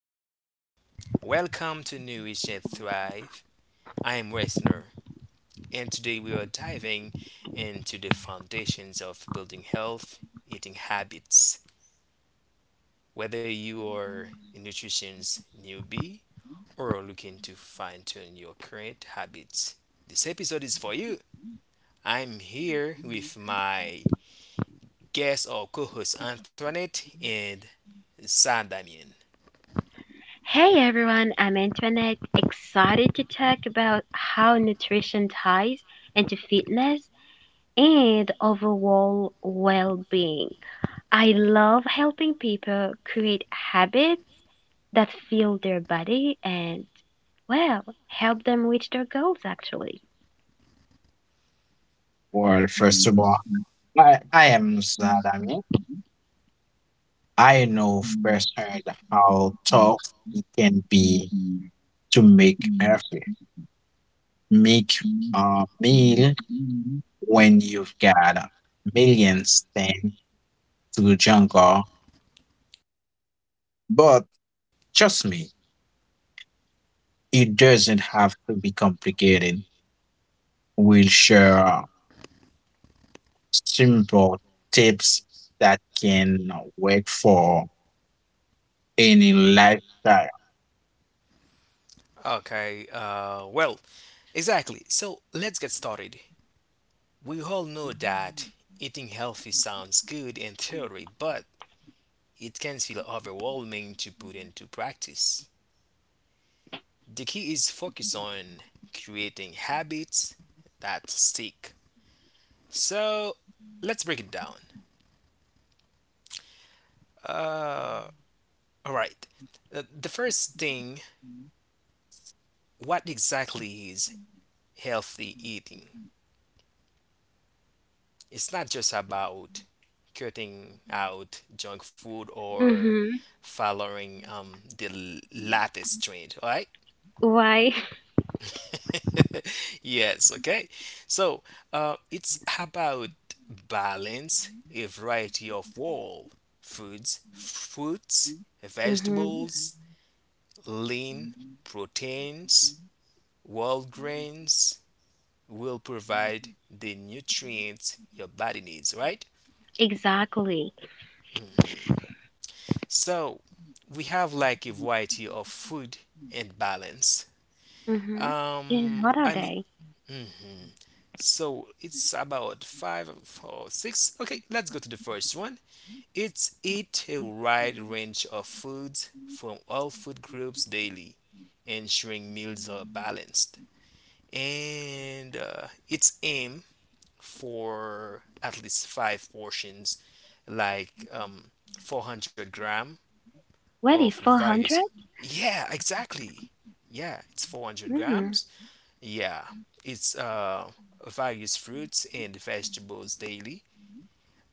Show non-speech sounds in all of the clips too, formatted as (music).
So, welcome to Nourish and Thrive. I am Westner, and today we are diving into the foundations of building health eating habits. Whether you are a nutrition's newbie or are looking to fine tune your current habits, this episode is for you. I'm here with my guest or co host Antoinette and Sadamian. Hey everyone, I'm Antoinette, excited to talk about how nutrition ties into fitness and overall well being. I love helping people create habits that feel their body and, well, help them reach their goals actually. Well, first of all, I am Sadami. I know firsthand how tough it can be to make effort, make a meal when you've got millions thing to jungle. But trust me, it doesn't have to be complicated. We'll share simple tips that can work for any lifestyle. Okay, exactly. So let's get started. We all know that eating healthy sounds good in theory, but it can feel overwhelming to put into practice. The key is focus on creating habits that stick. So let's break it down. Uh, all right. The first thing, what exactly is healthy eating? It's not just about cutting out junk food or Mm-hmm. following the latest trend, all right? Why? (laughs) Yes, okay. So it's about balance, a variety of whole foods, fruits, Mm-hmm. vegetables, lean proteins, whole grains will provide the nutrients your body needs, right? Exactly. So we have like a variety of food and balance. Mm-hmm. And Um, what are I mean, they? mhm. So it's about five, four, six. Okay, let's go to the first one. It's eat a wide range of foods from all food groups daily, ensuring meals are balanced. And its aim for at least five portions, like 400 gram of Really various. 400? Yeah, exactly. Yeah, it's 400 Mm-hmm. grams. Yeah, it's various fruits and vegetables daily,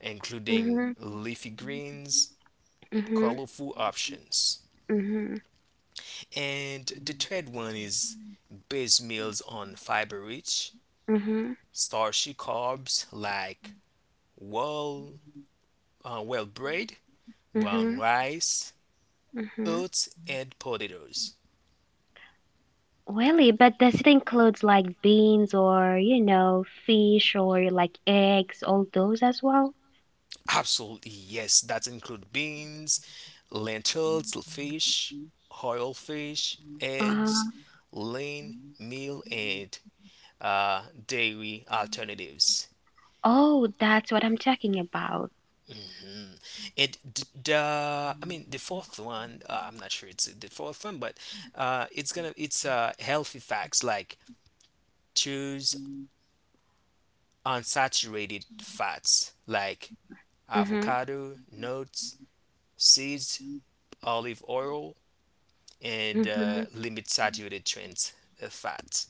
including Mm-hmm. leafy greens, Mm-hmm. colorful options. Mm-hmm. And the third one is base meals on fiber rich, Mm-hmm. starchy carbs like well, well, bread, brown Mm-hmm. rice, Mm-hmm. oats, and potatoes. Really, but does it include like beans or, you know, fish or like eggs, all those as well? Absolutely, yes, that include beans, lentils, fish, oil fish, eggs, Uh-huh. lean meal, and dairy alternatives. Oh, that's what I'm talking about. And the fourth one, I'm not sure it's the fourth one, but it's healthy facts like choose unsaturated fats like Mm-hmm. avocado, nuts, seeds, olive oil, and uh, Mm-hmm. limit saturated trans fats.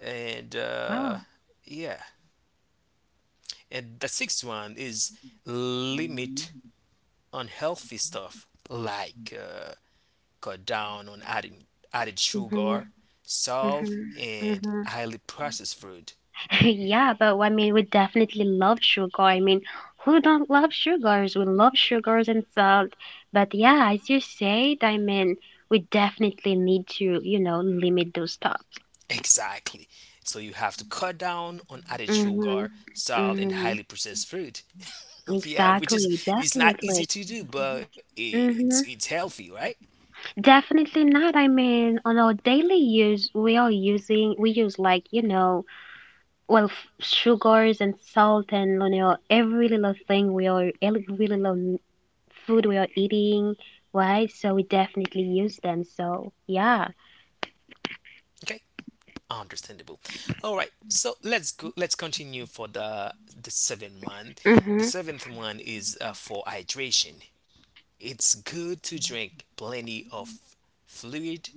And Wow. Yeah, and the sixth one is limit unhealthy stuff like cut down on adding added Mm-hmm. sugar, salt, Mm-hmm. and Mm-hmm. highly processed food. (laughs) (laughs) Yeah, but I mean, we definitely love sugar. I mean, who don't love sugars? We love sugars and salt. But yeah, as you said, I mean, we definitely need to, you know, limit those stuff. Exactly. So you have to cut down on added Mm-hmm. sugar, salt, and Mm-hmm. highly processed food. (laughs) Yeah, which is Exactly. it's not Definitely. easy to do, but Mm-hmm. it's healthy, right? Definitely not. I mean, on our daily use, we use like, you know, well, f- sugars and salt and you know every little thing we are every little m- food we are eating, right? So we definitely use them. So yeah. Okay, understandable. All right, so let's continue for the seventh one. The Mm-hmm. seventh one is for hydration, it's good to drink plenty of fluid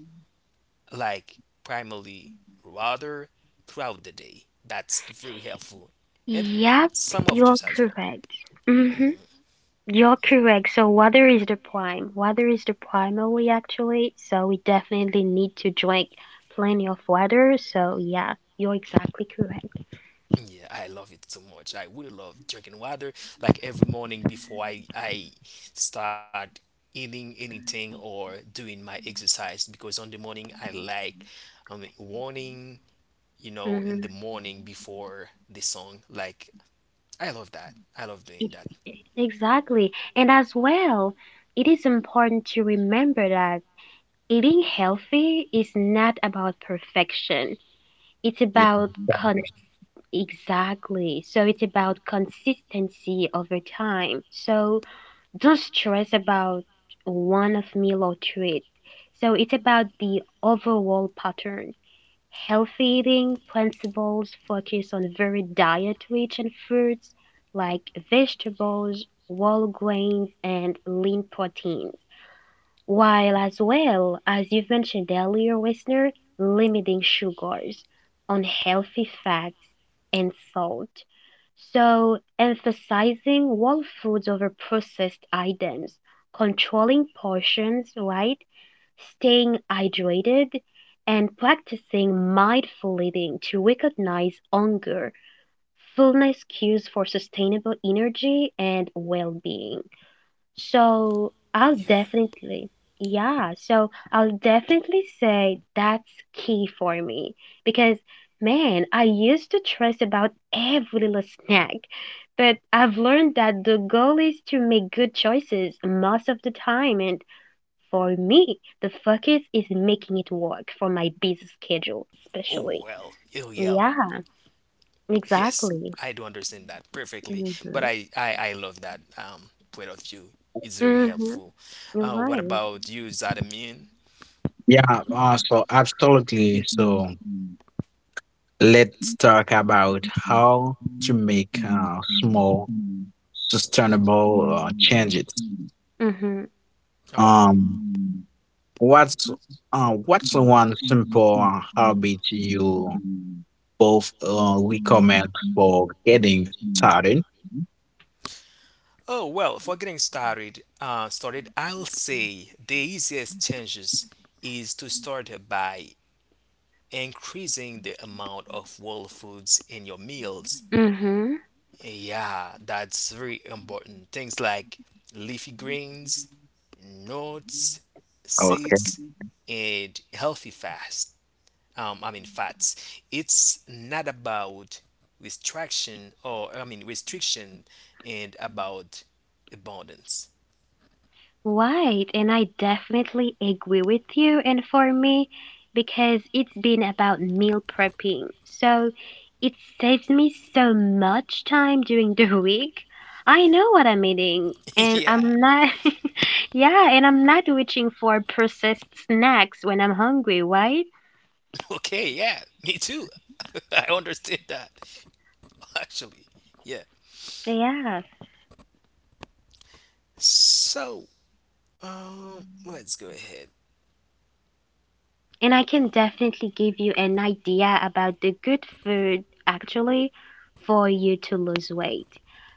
like primarily water throughout the day. That's very helpful, and Yep, some of you're juice as well. correct. Mm-hmm. You're correct. So water is the prime. Water is the primary actually. So we definitely need to drink plenty of water. So yeah, you're exactly correct. Yeah. Yeah, I love it so much. I would love drinking water like every morning before I start eating anything or doing my exercise because on the morning I like um warning, you know, in the Mm-hmm. morning before the song. Like I love that. I love doing that. Exactly. And as well, it is important to remember that eating healthy is not about perfection. It's Yeah, about cons exactly. So it's about consistency over time. So don't stress about one of meal or treat. So it's about the overall pattern. Healthy eating principles focus on varied diet-rich in fruits like vegetables, whole grains, and lean proteins, while as well, as you've mentioned earlier, listener, limiting sugars, unhealthy fats, and salt. So, emphasizing whole foods over processed items, controlling portions, right? Staying hydrated, and practicing mindful eating to recognize hunger, fullness cues for sustainable energy and well-being. So I'll Yeah. definitely, yeah, so I'll definitely say that's key for me because man, I used to stress about every little snack, but I've learned that the goal is to make good choices most of the time and for me, the focus is making it work for my busy schedule, Oh especially. well. Oh yeah. Yeah, Yes, exactly. I do understand that perfectly. But Hmm. I love that point of view. It's very Hmm. helpful. You're What right. about you, Zadamin? yeah, so absolutely. So let's talk about how to make small, sustainable changes. All right. Um, what's what's one simple habit you both recommend for getting started? Oh, well, for getting started, I'll say the easiest changes is to start by increasing the amount of whole foods in your meals. Hmm. Hmm. Yeah, that's very important. Things like leafy greens, nuts, Okay, seeds, and healthy fast. I mean fats. It's not about restriction or restriction and about abundance. Right, and I definitely agree with you. And for me, because it's been about meal prepping, so it saves me so much time during the (laughs) week. I know what I'm eating, (laughs) and Yeah. I'm not, (laughs) yeah, and I'm not reaching for processed snacks when I'm hungry, right? Okay, yeah, me too. (laughs) I understand that. (laughs) Actually, yeah. Yeah. So, let's go ahead. And I can definitely give you an idea about the good food actually for you to lose weight.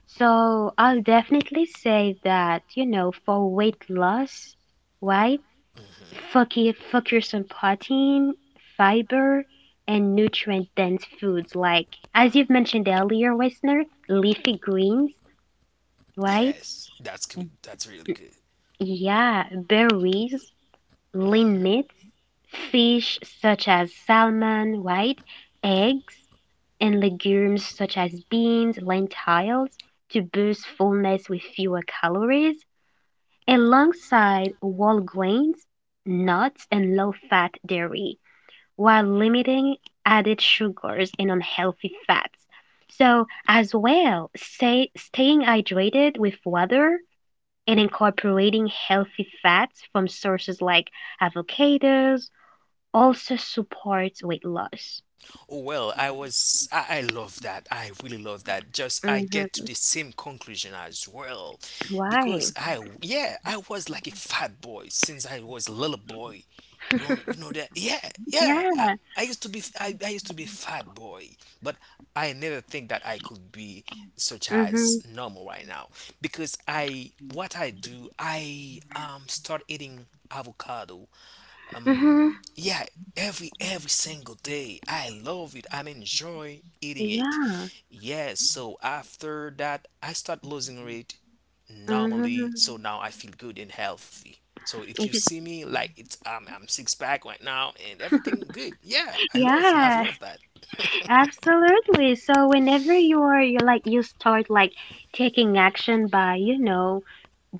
So I'll definitely say that, you know, for weight loss, right? Hmm. Focus on protein, fiber, and nutrient dense foods like, as you've mentioned earlier, Westner, leafy greens, right? Yes, that's good. That's really good. Yeah, berries, lean Hmm? meats, fish such as salmon, white, eggs, and legumes such as beans, lentils to boost fullness with fewer calories, alongside whole grains, nuts, and low fat dairy, while limiting added sugars and unhealthy fats. So, as well, staying hydrated with water and incorporating healthy fats from sources like avocados also supports weight loss. Oh, well, I love that. I really love that. Just I get Mm-hmm. to the same conclusion as well, Why? because yeah, I was like a fat boy since I was a little boy. You want, you know that? Yeah, yeah. Yeah. I used to be a fat boy, but I never think that I could be such Mm-hmm. as normal right now because what I do, I start eating avocado, Mm-hmm. yeah, every single day. I love it, I enjoy eating it. Yeah. Yes, so after that I start losing weight normally, Mm-hmm. so now I feel good and healthy. So if you see me, like, it's I'm six pack right now and everything good, yeah. I've Yeah, loved that. (laughs) (laughs) absolutely. So whenever you're like you start like taking action by, you know,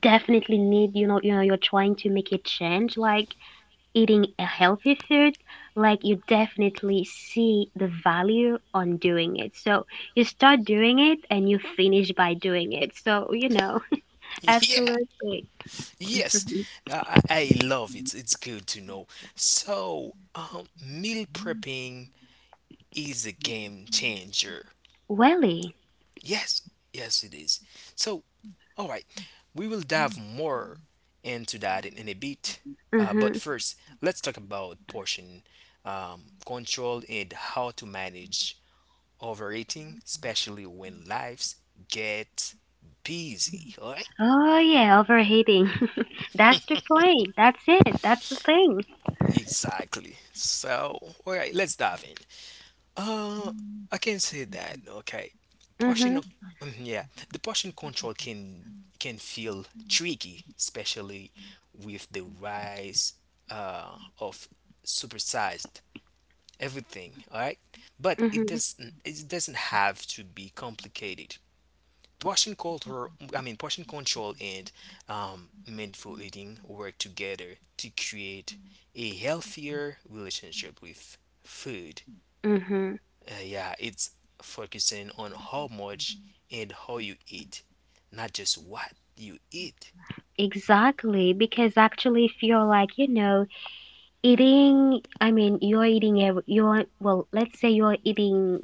definitely need, you know, you're trying to make a change, like eating a healthy food, like you definitely see the value on doing it. So you start doing it and you finish by doing it. So, you know, (laughs) Yeah, absolutely. yes. (laughs) I love it, it's good to know. So, meal prepping is a game changer. Welly. Yes, yes, it is. So, all right, we will dive more into that in a bit. Mm-hmm. But first, let's talk about portion control and how to manage overeating, especially when lives get busy. All right, Oh yeah, overheating. (laughs) That's the point. That's it. That's the thing. exactly. So, all right, let's dive in. Uh, I can say that. Okay, portion of Mm-hmm. mhm, yeah, the portion control can feel tricky, especially with the rise of supersized everything. All right, but Mm-hmm. It doesn't have to be complicated. Portion control, portion control and mindful eating work together to create a healthier relationship with food. Mm-hmm. Yeah, it's focusing on how much and how you eat, not just what you eat. Exactly. Because actually, if you're like, you know, you're eating ev you're well, let's say you're eating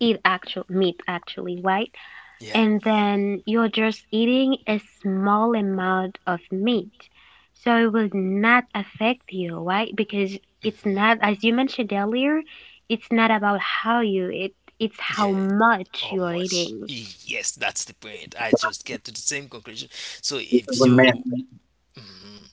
eat actual meat actually, right? Yeah, And then you're just eating a small amount of meat. So it will not affect you, right? Because it's not, as you mentioned earlier, it's not about how you eat, it's how yeah. much How you're much? eating. Yes, that's the point. I just get to the same conclusion. So this is if a man. you, mhm.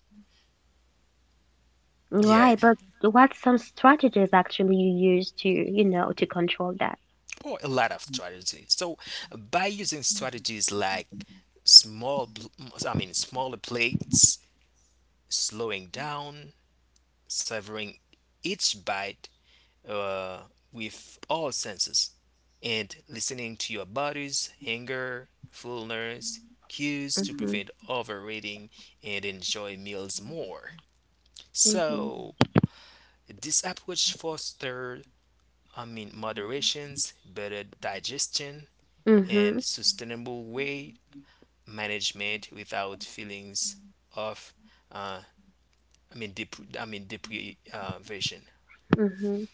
Yeah, Right, but what's some strategies actually you use to, you know, to control that? or a lot of strategies. So by using strategies like small, pl- smaller plates, slowing down, savoring each bite, uh, with all senses and listening to your body's hunger, fullness, cues to Mm-hmm. prevent overeating and enjoy meals more. So, Mm-hmm. this approach fosters, I mean, moderations, better digestion, Mm-hmm. and sustainable weight management without feelings of, uh, I mean, deprivation, Hmm.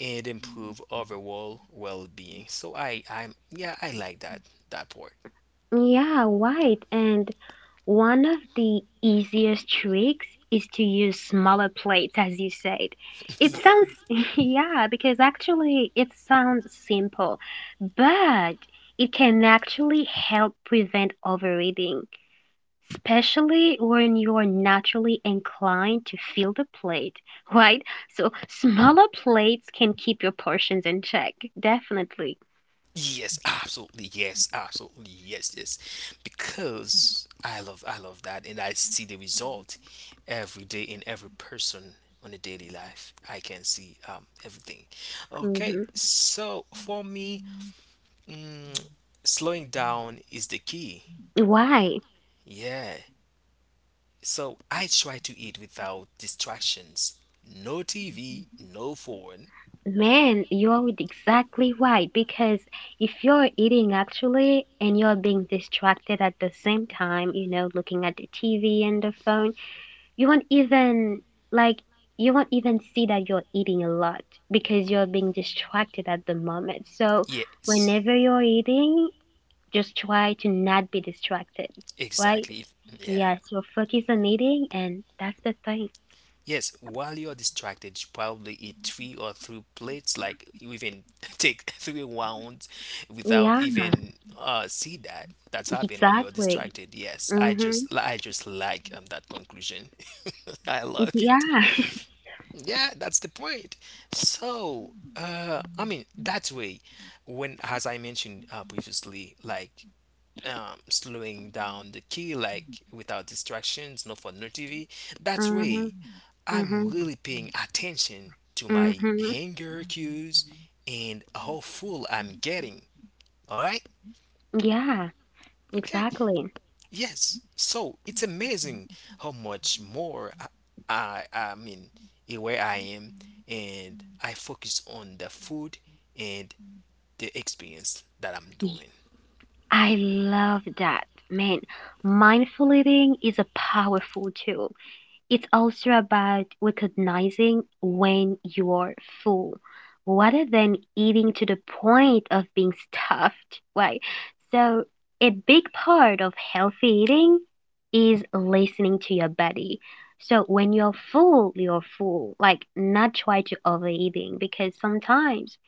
and improve overall well-being. So I'm yeah, I like that part. Yeah, right. And one of the easiest tricks is to use smaller plates, as you said. (laughs) It Yeah. sounds, (laughs) yeah, because actually it sounds simple, but it can actually help prevent overeating, especially when you're naturally inclined to fill the plate, (laughs) right? So smaller plates can keep your portions in check, definitely. Yes, absolutely. Yes, absolutely. Yes, yes. Because I love that and I see the result every day in every person on a daily life. I can see everything. Okay. Hmm. So for me, mm, slowing down is the key. Why? Yeah. So I try to eat without distractions. No TV, no phone. Man, you're exactly right. Because if you're eating actually and you're being distracted at the same time, you know, looking at the TV and the phone, you won't even like you won't even see that you're eating a lot because you're being distracted at the moment. So Yes, whenever you're eating, just try to not be distracted, right? exactly. Yeah. Yeah, so focus on eating and that's the thing. Yes, while you're distracted, you probably eat three or three plates, like you even (laughs) take three rounds without Yeah, even see that. That's happened when you're exactly. distracted. Yes, Mm-hmm. I just like that conclusion. (laughs) I love it. Yeah. Yeah, that's the point. So, I mean, that way, when, as I mentioned previously, like slowing down the key, like without distractions, not for no TV, that Mhm. way, I'm Mhm. really paying attention to my Mhm. hanger cues and how full I'm getting. All right? Yeah, Okay. exactly. Yes. So it's amazing how much more I mean, aware I am, and I focus on the food and the experience that I'm Y- doing. I love that. Man, mindful eating is a powerful tool. It's also about recognizing when you're full rather than eating to the point of being stuffed, right? So, a big part of healthy eating is listening to your body. So, when you're full, you're full. Like, not try to overeating because sometimes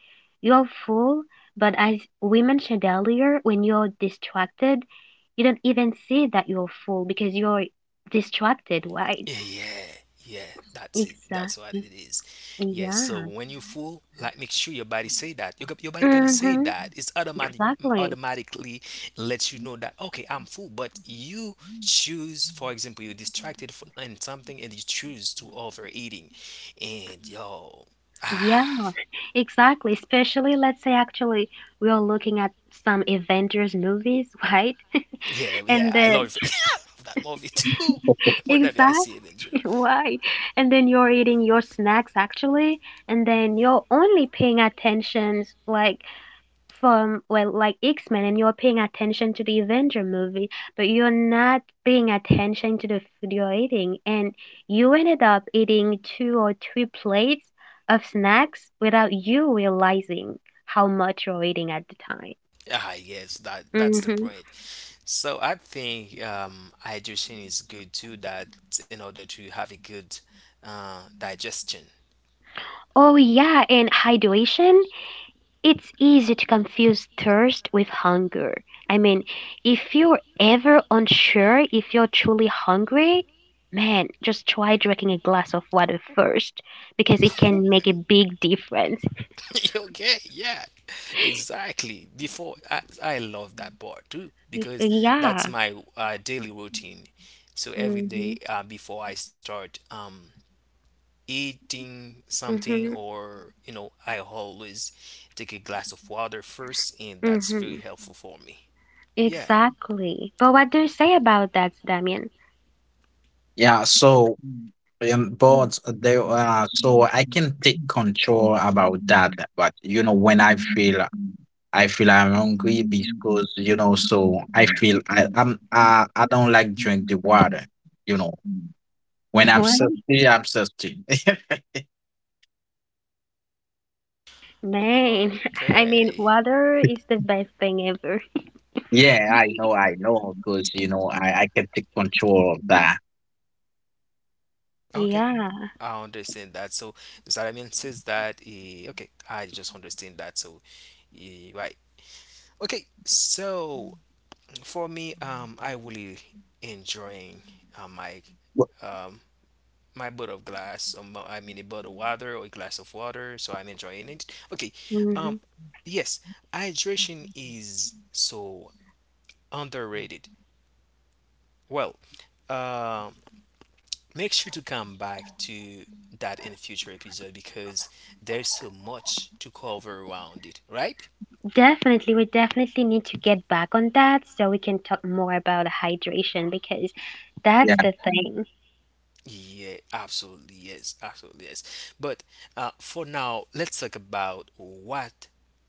you're full, but as we mentioned earlier, when you're distracted, you don't even see that you're full because you're distracted, right? Yeah, yeah, yeah. That's it. That's what it Exactly. is. Yeah. So Yeah. when you full, like, make sure your body say that. Your body gonna say Mm-hmm. that. It's automatic, Exactly. automatically lets you know that okay, I'm full. But you (laughs) choose, for example, you're distracted in something and you choose to overeating, and yo, Yeah, ah, exactly. Especially, let's say, actually, we are looking at some Avengers movies, (laughs) right? yeah, And yeah. I then, love of that movie too. (laughs) (laughs) Whenever I exactly, see it injured, (laughs) why? And then you're eating your snacks, actually, and then you're only paying attention, like, from well like X-Men and you're paying attention to the Avenger movie, but you're not paying attention to the food you're eating and you ended up eating two or three plates of snacks without you realizing how much you're eating at the time. ah, yes, that that's the Mhm. point. So I think hydration is good too. That in order to have a good digestion. Oh yeah, and hydration. It's easy to confuse thirst with hunger. I mean, if you're ever unsure if you're truly hungry, man, just try drinking a glass of water first because it Oh can well. make a big difference. (laughs) Okay, yeah, exactly. Before I love that part too because that's Yeah. my daily routine. So every Mm-hmm. day before I start eating something Mm-hmm. or you know, I always take a glass of water first and that's Mm-hmm. very helpful for me. Yeah, Exactly. But what do you say about that, Damien? Yeah, so but they so I can take control about that. But when I feel I'm hungry because (laughs) so I feel I don't like drink the water. You know, when I'm What thirsty, I'm thirsty. (laughs) a name! (laughs) I mean, okay, water is the best thing ever. Yeah, I know, because I can take control of that. okay, Yeah, I understand that. So Zaramin says that eh, okay, I just understand that. So eh, right, okay. So for me, I really enjoying my Wh- um bottle of glass, I mean a bottle of water or a glass of water, so I'm enjoying it. Okay. Um, hmm yes, hydration is so underrated. Well, um make sure to come back to that in a future episode because there's so much to cover around it, right? definitely. We definitely need to get back on that so we can talk more about hydration because Yeah, that's the thing. Yeah, absolutely yes, absolutely yes. But for now, let's talk about what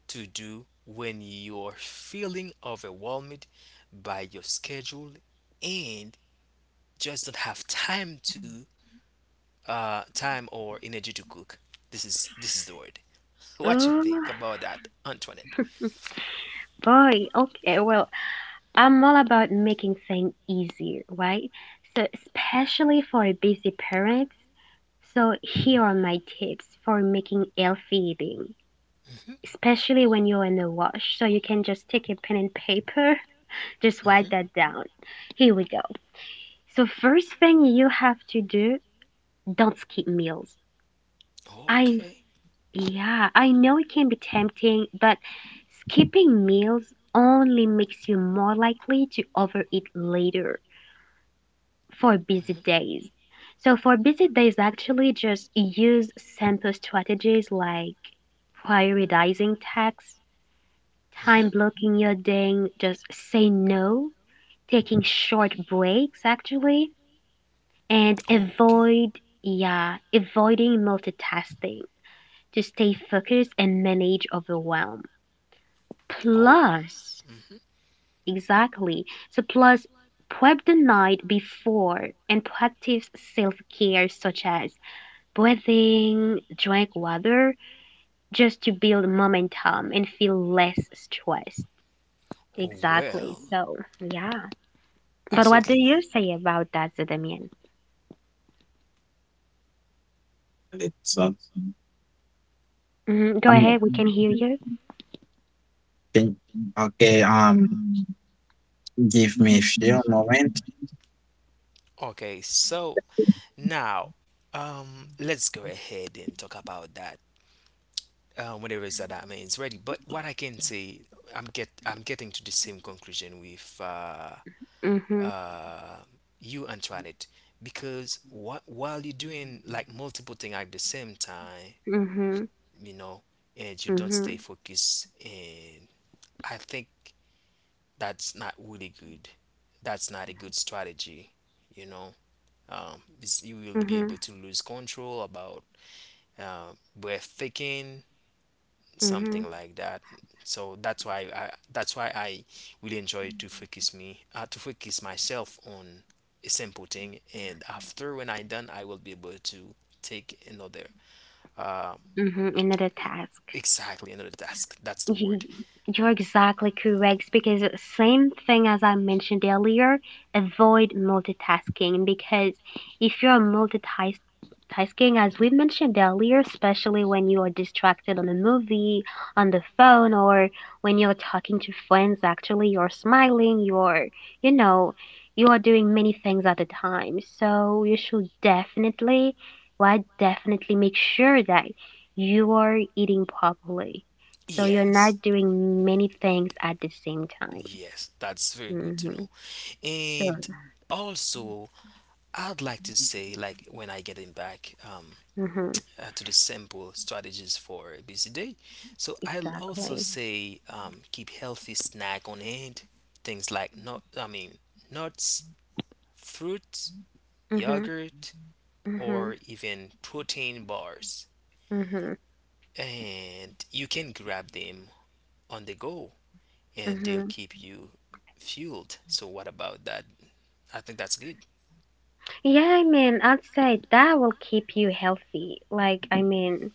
to do when you're feeling overwhelmed by your schedule and just don't have time to time or energy to cook. This is the word. What you Oh think about that, Antoinette? boy. Okay, well, I'm all about making things easier, right? So, especially for busy parents. So here are my tips for making healthy eating, Hmm, especially when you're in the wash. So you can just take a pen and paper, (laughs) just write hmm. that down. Here we go. So first thing you have to do, don't skip meals. I Okay. yeah, I know it can be tempting, but skipping meals only makes you more likely to overeat later for busy Hmm, days. So for busy days, actually just use simple strategies like prioritizing tasks, time hmm. blocking your day, just say no, taking short breaks actually, and Okay. avoid, yeah, avoiding multitasking to stay focused and manage overwhelm. Oh. Plus, Hmm. exactly. So, plus, prep the night before and practice self care such as breathing, drink water, just to build momentum and feel less stressed. Oh Exactly. well. So, yeah. But what do Absolutely. you say about that, Zedamian? it's Hmm. Go I'm ahead, we can hear you. think, okay. Mm-hmm. Give me a few Mm-hmm. moments. Okay, so now, let's go ahead and talk about that. Whatever is that, that means ready. But what I can say, I'm getting to the same conclusion with Mm-hmm. uh, you, Antoinette, because what while you're doing like multiple things at the same time, you know, and you don't Mm-hmm. stay focused, and I think that's not really good. That's not a good strategy, you know. You will be able to lose control about breathtaking Mm-hmm. something like that. So that's why I really enjoy to focus myself on a simple thing, and after when I done I will be able to take another uh, Mm-hmm. Another task. exactly another task. That's the Y- word. You're exactly correct because same thing as I mentioned earlier, avoid multitasking because if you're multitasking as we mentioned earlier, especially when you are distracted on a movie, on the phone or when you're talking to friends actually you're smiling, you're you know, you are doing many things at a time. So you should definitely why definitely make sure that you are eating properly. So you're Yes. not doing many things at the same time. Yes, that's very good to Hmm. know. So, And also, I'd like to say, like when I getting back hmm to the simple strategies for a busy day. So I'll also exactly. say, keep healthy snack on hand. Things like nuts, fruits, Hmm. yogurt, or Hmm. even protein bars, Hmm. and you can grab them on the go, and they'll Hmm. keep you fueled. So what about that? I think that's good. Yeah, I mean, I'd say that will keep you healthy. Like, I mean,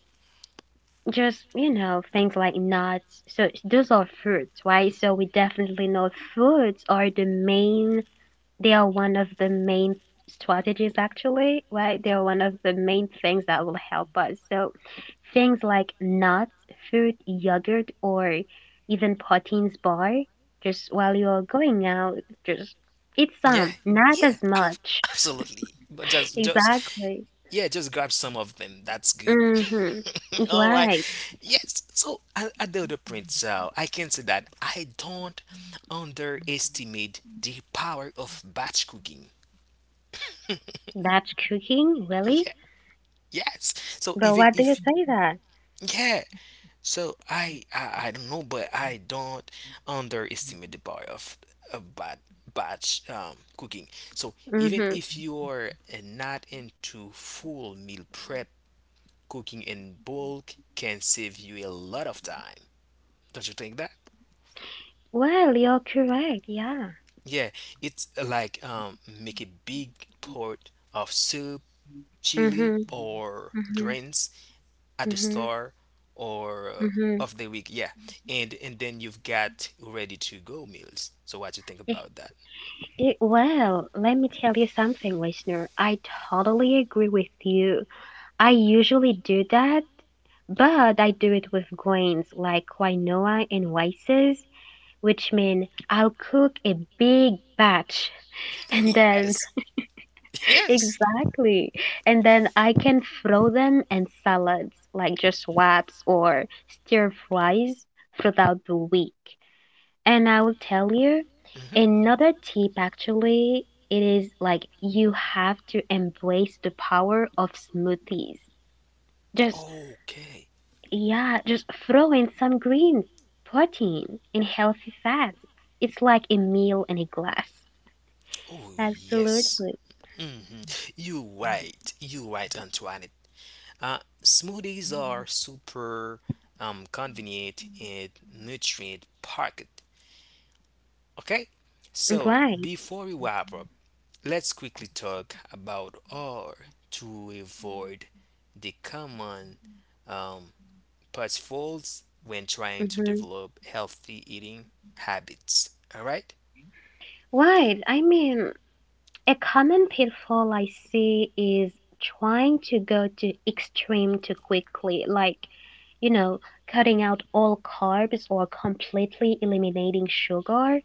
just you know, things like nuts. So those are fruits, right? So we definitely know fruits are the main They are one of the main strategies, actually, right? They are one of the main things that will help us. So, things like nuts, fruit, yogurt, or even proteins bar, just while you're going out, just eat Yeah, some, not yeah, as (laughs) much. (laughs) absolutely. But just Exactly. yeah, just grab some of them. That's good. Mm-hmm. (laughs) All right. Right. Yes. So at the other point, so I can say that I don't underestimate the power of batch cooking. (laughs) Yeah. That's cooking, really? Yes. So But even what do you if say that? yeah, so I don't know, but I don't underestimate the power of a bad batch cooking. So even Mm-hmm. if you're not into full meal prep, cooking in bulk can save you a lot of time. Don't you think that? Well, you're correct. Yeah. Yeah, it's like, make a big pot of soup, chili, Mm-hmm. or Mm-hmm. grains at the Mm-hmm. store or Mm-hmm. of the week. Yeah, and then you've got ready to go meals. So what you think about that? It, well, let me tell you something, listener. I totally agree with you. I usually do that, but I do it with grains like quinoa and rices, which mean I'll cook a big batch (laughs) (laughs) and then Yes, then (laughs) yes. exactly. And then I can throw them in salads like just wraps or stir fries throughout the week. And I will tell you Hmm. another tip actually, it is like you have to embrace the power of smoothies. Just, Okay. yeah, just throw in some greens, protein, and healthy fats. It's like a meal in a glass. Oh yes. Absolutely. Hmm. You right. You right, Antoine. Uh, Smoothies are super, convenient and nutrient packed. Okay, so Right. before we wrap up, let's quickly talk about R to avoid the common um, pitfalls when trying to Hmm. develop healthy eating habits. All right? Right. I mean, a common pitfall I see is trying to go to extreme too quickly. You know, Cutting out all carbs or completely eliminating sugar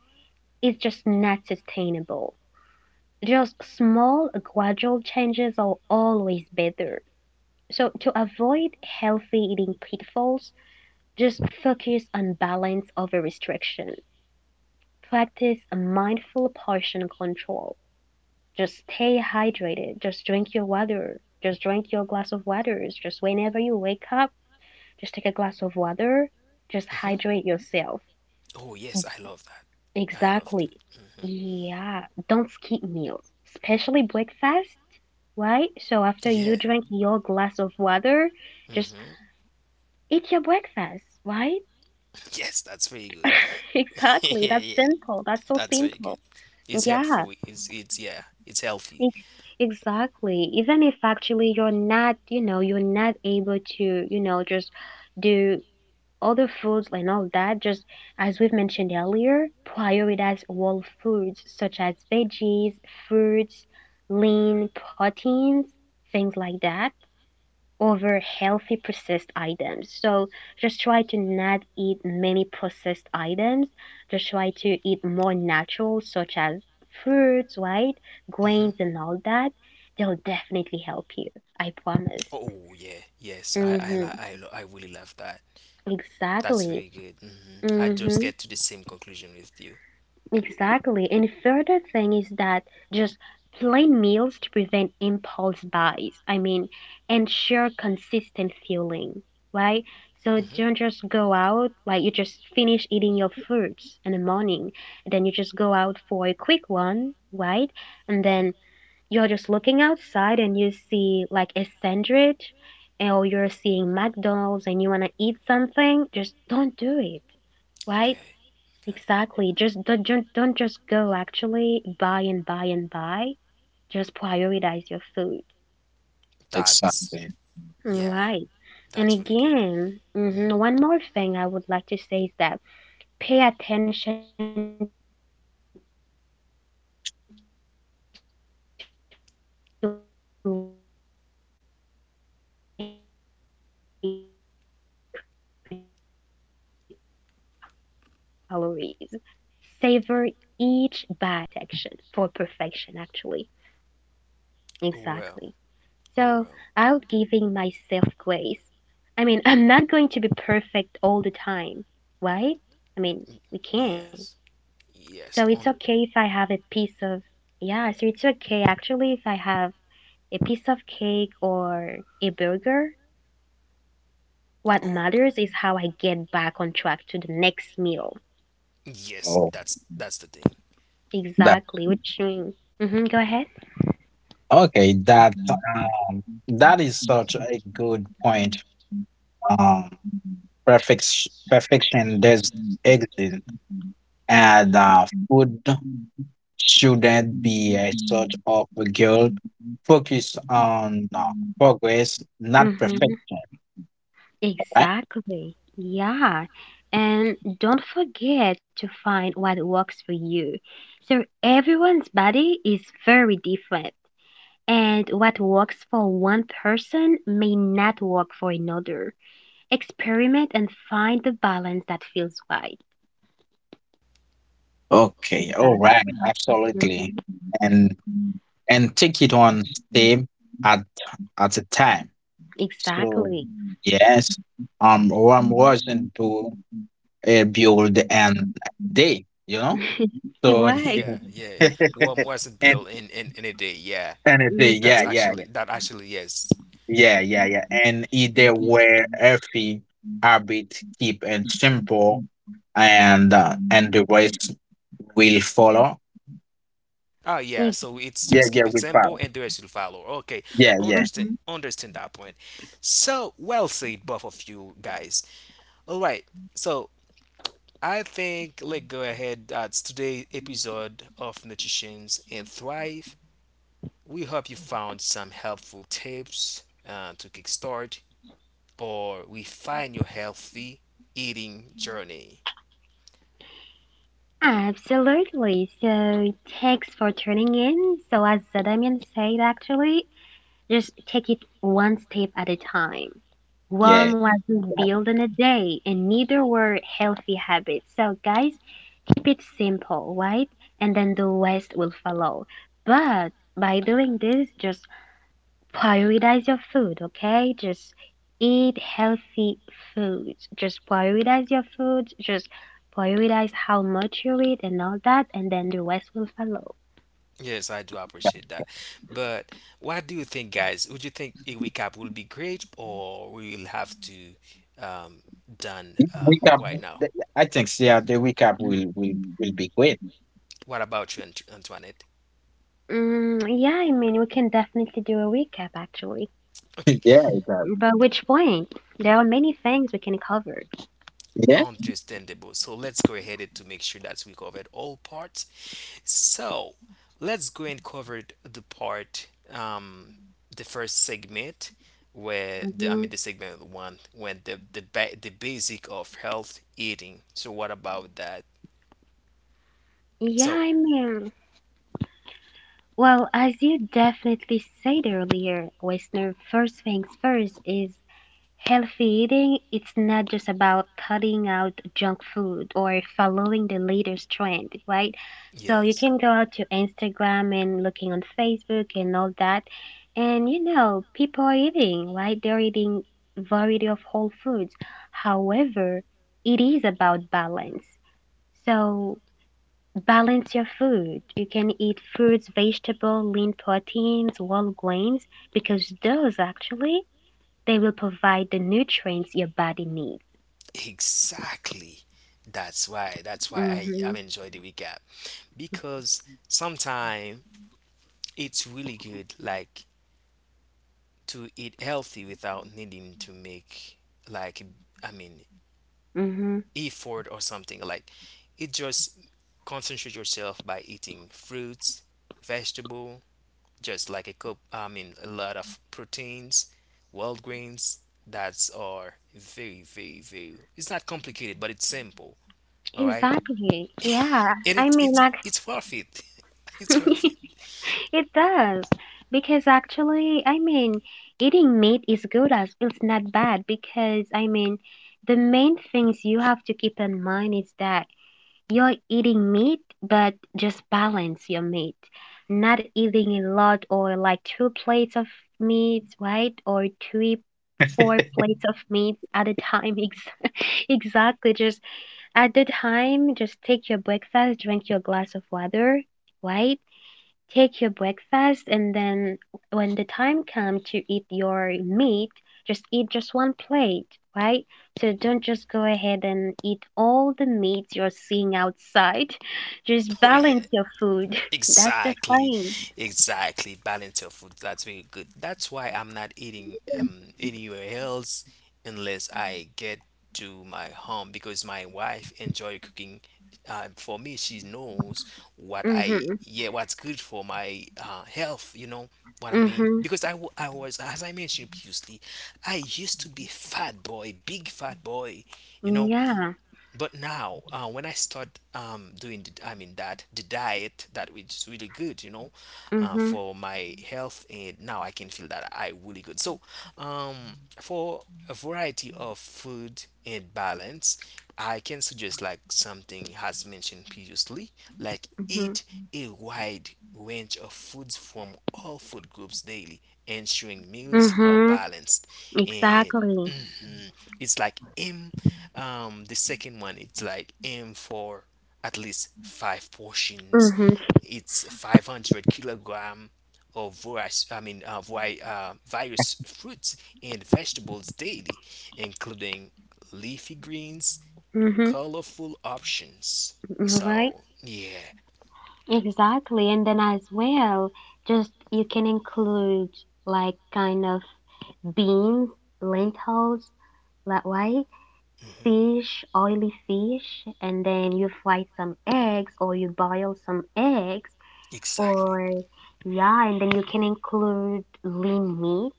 is just not sustainable. Just small, gradual changes are always better. So, to avoid healthy eating pitfalls, just focus on balance over restriction. Practice a mindful portion control. Just stay hydrated. Just drink your water. Just drink your glass of water. Just whenever you wake up, just take a glass of water. Just Mhm. hydrate yourself. Oh yes, I love that. I love that. Exactly. Hmm. Yeah, don't skip meals, especially breakfast, right? So after Yeah. you drink your glass of water, just Hmm. eat your breakfast, right? Yes, that's very good. (laughs) (laughs) Yeah, Exactly. That's yeah, simple. That's so that's very good. simple. It's Yeah, helpful. It's yeah, it's healthy. e- exactly. Even if actually you're not, you're not able to, just do other foods and all that, just as we've mentioned earlier, prioritize whole foods such as veggies, fruits, lean proteins, things like that, over healthy processed items. So just try to not eat many processed items. Just try to eat more natural, such as fruits, right? Hmm. Grains, and all that. They'll definitely help you. I promise. Oh yeah, yes, I li- I Mm-hmm. lo- I really love that. That's very Exactly. good. Hmm. I just Mm-hmm. get to the same conclusion with you. Exactly. And further thing is that just plan meals to prevent impulse buys. I mean, ensure consistent fueling, right? So Hmm. don't just go out like you just finish eating your fruits in the morning, and then you just go out for a quick one, right? And Hmm. then you're just looking outside and you see like a sandwich or you're seeing McDonald's and you want to eat something, just don't do it, Okay, right? okay, Exactly. Just don't, don't just go actually buy and buy and buy. Just prioritize your food. that's Exactly. yeah, Right. And that's really good. again, Hmm. One more thing I would like to say is that pay attention to liquid calories. Savor each bite. Incorporate flavor with herbs instead of excess salt. Fat for sustainable success rather than aiming for protection, for perfection, actually. Exactly. So, oh, and one more thing actually for Oh me, well, guys, oh it's well, about giving myself grace. I mean, (laughs) I'm not going to be perfect all the time, right? I mm, mean, we can't. yes. Yes, So, it's under. okay if I have a piece of, yeah, so it's okay actually if I have a piece of cake or a burger. What Okay. matters is how I get back on track to the next meal. Yes, Oh, that's the thing. that. Exactly, which, mm-hmm, go ahead. Okay, that is such a good point. (laughs) Um, Mm-hmm. perfection does exist, and food shouldn't be a sort of a goal. Focus on progress, not perfection. Right? Exactly. Yeah. And don't forget to find what works for you. So everyone's body is very different, and what works for one person may not work for another. Experiment and find the balance that feels right. Okay. All right. Exactly. Absolutely. And and take it Mhm. on step at at a time. So Exactly. yes, one wasn't do (laughs) build an day, you know? It So (laughs) and works. Yeah, yeah. One wasn't built in a day. Yeah, and a day, that's yeah, Mhm. yeah, yeah. actually that actually yes. Yeah, yeah, yeah. And either were earthy, habit, keep and simple and the rest will follow. Ah, yeah, Ex- so it's Yeah, just yeah, keep it we simple follow. and the rest will follow. Okay, Yeah, yeah, understand mhm. understand that point. So well said, both of you guys. All right, so I think let's go ahead. That's today's episode of Nutritions and Thrive. We hope you found some helpful tips to kickstart or refine your healthy eating journey. Absolutely. So thanks for tuning in. So as Damian said, actually, just take it one step at a time. yeah. One wasn't built in a day, and neither were healthy habits. So guys, keep it simple, right? And then the rest will follow. But by doing this, just prioritize your food, okay? Just eat healthy foods. Just prioritize your food. Just prioritize how much you eat and all that, and then the rest will follow. Yes, I do appreciate that. But what do you think, guys? Would you think a recap will be great or we will have to, um, done, Yeah, wake up! right now? the- I think so, yeah, the wake up will Mhm. be great. What about you, Ant- Antoinette? Mm, yeah, I mean, we can definitely do a recap actually. Okay, (laughs) Yeah, it does. But which point? There are many things we can cover. Yeah. understandable. So let's go ahead to make sure that we covered all parts. So let's go and cover the part, the first segment where the, I hmm mean the segment one when the ba- the basic of health eating. So what about that? Yeah, So I mean, well, as you definitely said earlier, listener, first things first is healthy eating. It's not just about cutting out junk food or following the latest trend, right? So you yes, can go out to Instagram and looking on Facebook and all that. And you know, people are eating, right? They're eating variety of whole foods. However, it is about balance. So balance your food. You can eat fruits, vegetable, lean proteins, whole grains because those actually they will provide the nutrients your body needs. exactly. That's why I Mhm. I'm enjoy the recap, because sometimes it's really good like to eat healthy without needing to make like, I mean, Mhm. effort or something like it just concentrate yourself by eating fruits, vegetable, just like a cup, I mean a lot of proteins, wild grains. That's are very very very, it's not complicated but it's simple. All right, Exactly. Yeah. and I it's mean it's like it's worth it. (laughs) It's worth it. (laughs) it does. Because actually, I mean, eating meat is good as it's not bad because I mean, the main things you have to keep in mind is that you're eating meat, but just balance your meat. Not eating a lot or like two plates of meat, right? Or three, four plates of meat at a time. (laughs) Exactly. Just at the time, just take your breakfast, drink your glass of water, right? Take your breakfast, and then when the time comes to eat your meat, just eat just one plate, right? So don't just go ahead and eat all the meat you're seeing outside. (laughs) Just (laughs) Oh yeah. balance your food. (laughs) That's the Exactly, thing. exactly. Balance your food. That's very good. That's why I'm not eating anywhere else unless I get to my home because my wife enjoy cooking. For me, she knows what I Mhm. yeah what's good for my health. You know what I mean? Mhm. Because I, wa- I was, as I mentioned previously, I used to be fat boy, big fat boy. You know, Yeah. but now when I start, doing the, I mean that the diet that, which is really good, you know, Mhm. for my health, and now I can feel that I really good. So, for a variety of food and balance I can suggest, like something has mentioned previously, like Mhm. eat a wide range of foods from all food groups daily, ensuring meals are Mhm. balanced, and Exactly. mhm, it's like aim, the second one it's like aim for at least five portions, Mhm. it's 500 kilogram of various, I mean various fruits and vegetables daily, including leafy greens, Mhm. colorful options. Right. So yeah. Exactly. And then as well, just you can include like kind of beans, lentils, right? Hmm. Fish, oily fish, and then you fry some eggs or you boil some eggs, Exactly. or yeah, and then you can include lean meat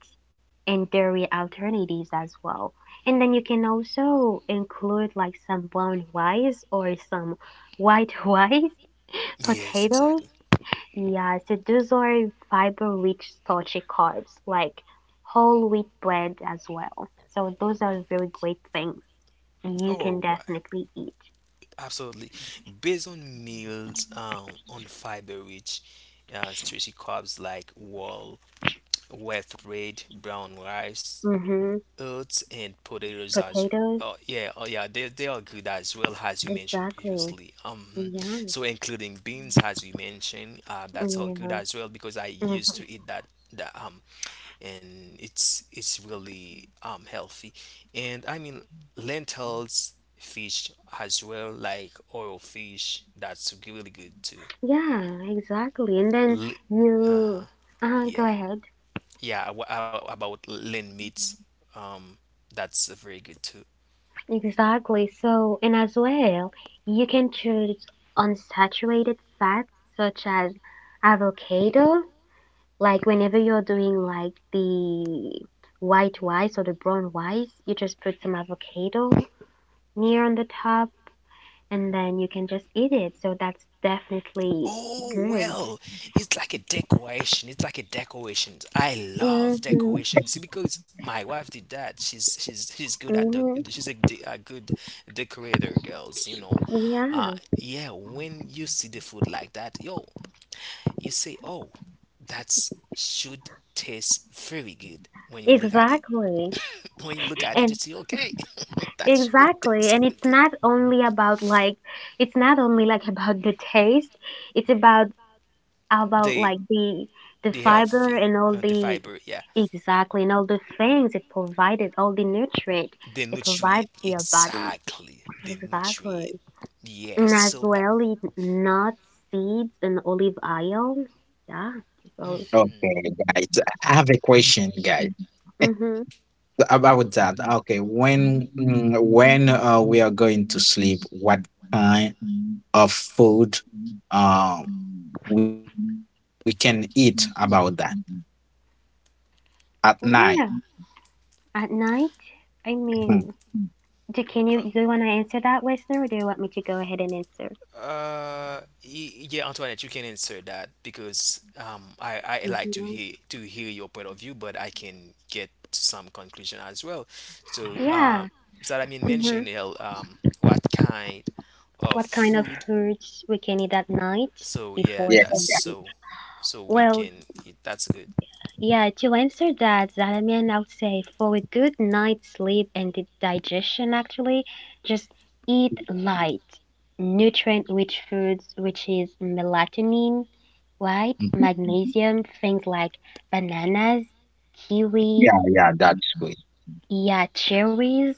and dairy alternatives as well. And then you can also include like some brown rice or some white (laughs) rice, Yes, potatoes, exactly. yeah, so those are fiber-rich starchy carbs like whole wheat bread as well. So those are very great things you Or can why? definitely eat. Absolutely. Based on meals, on fiber rich, starchy carbs like whole with red, brown rice, Mm-hmm. oats, and potatoes as Potatoes, oh yeah, oh yeah, they are good as well as you mentioned exactly. previously. Yeah, So including beans as you mentioned, that's all good yeah, as well because I used hmm to eat that and it's it's really healthy. And I mean lentils, fish as well like oil fish, that's really good too. yeah, exactly. And then Li- you, uh-huh. Go Yeah. ahead. Yeah, w- about lean meats, um, that's very good too. Exactly. So, and as well, you can choose unsaturated fats such as avocado. Like whenever you're doing like the white rice or the brown rice, you just put some avocado near on the top and then you can just eat it. So that's definitely Oh good. well, it's like a decoration. It's like a decoration. I love Mm-hmm. decorations because my wife did that. She's good at the Mm-hmm. she's a, de- a good decorator, girls. You know, Yeah, yeah. When you see the food like that, yo, you say, oh, that's should taste very good when you look at it. exactly. (laughs) When you look at it, you And see, okay, (laughs) that's exactly. that's And it's good. not only about like it's not only like (laughs) about the taste, it's about The like the the fiber healthy, and all the the fiber, yeah, exactly, and all the things it provided, all the nutrient the it provides nutrient, to your body. exactly, the Exactly. nutrient. Yes, And as so that. well, it nuts, seeds, and olive oil. Yeah. So, Mhm. Okay, guys. I have a question, guys. mm-hmm. About that, okay. When we are going to sleep, what kind of food uh, we can eat about that at Well, night? at night, I Mhm. mean, Uh, do you want to answer that, Westner, or do you want me to go ahead and answer? Y- yeah, Antoinette, you can insert that because I like to hmm hear your point of view, but I can get some conclusion as well. So, Yeah. Salamin hmm mentioned El, what kind of What kind of food? foods we can eat at night So yeah, before Yeah, that's sleeping? so, so we Well, can eat. That's good. yeah, to answer that, Zalaman, I would say for a good night's sleep and the digestion, actually, just eat light, nutrient-rich foods, which is melatonin, right? mm, Magnesium, things like bananas, kiwi, yeah, yeah. That's good. yeah, cherries,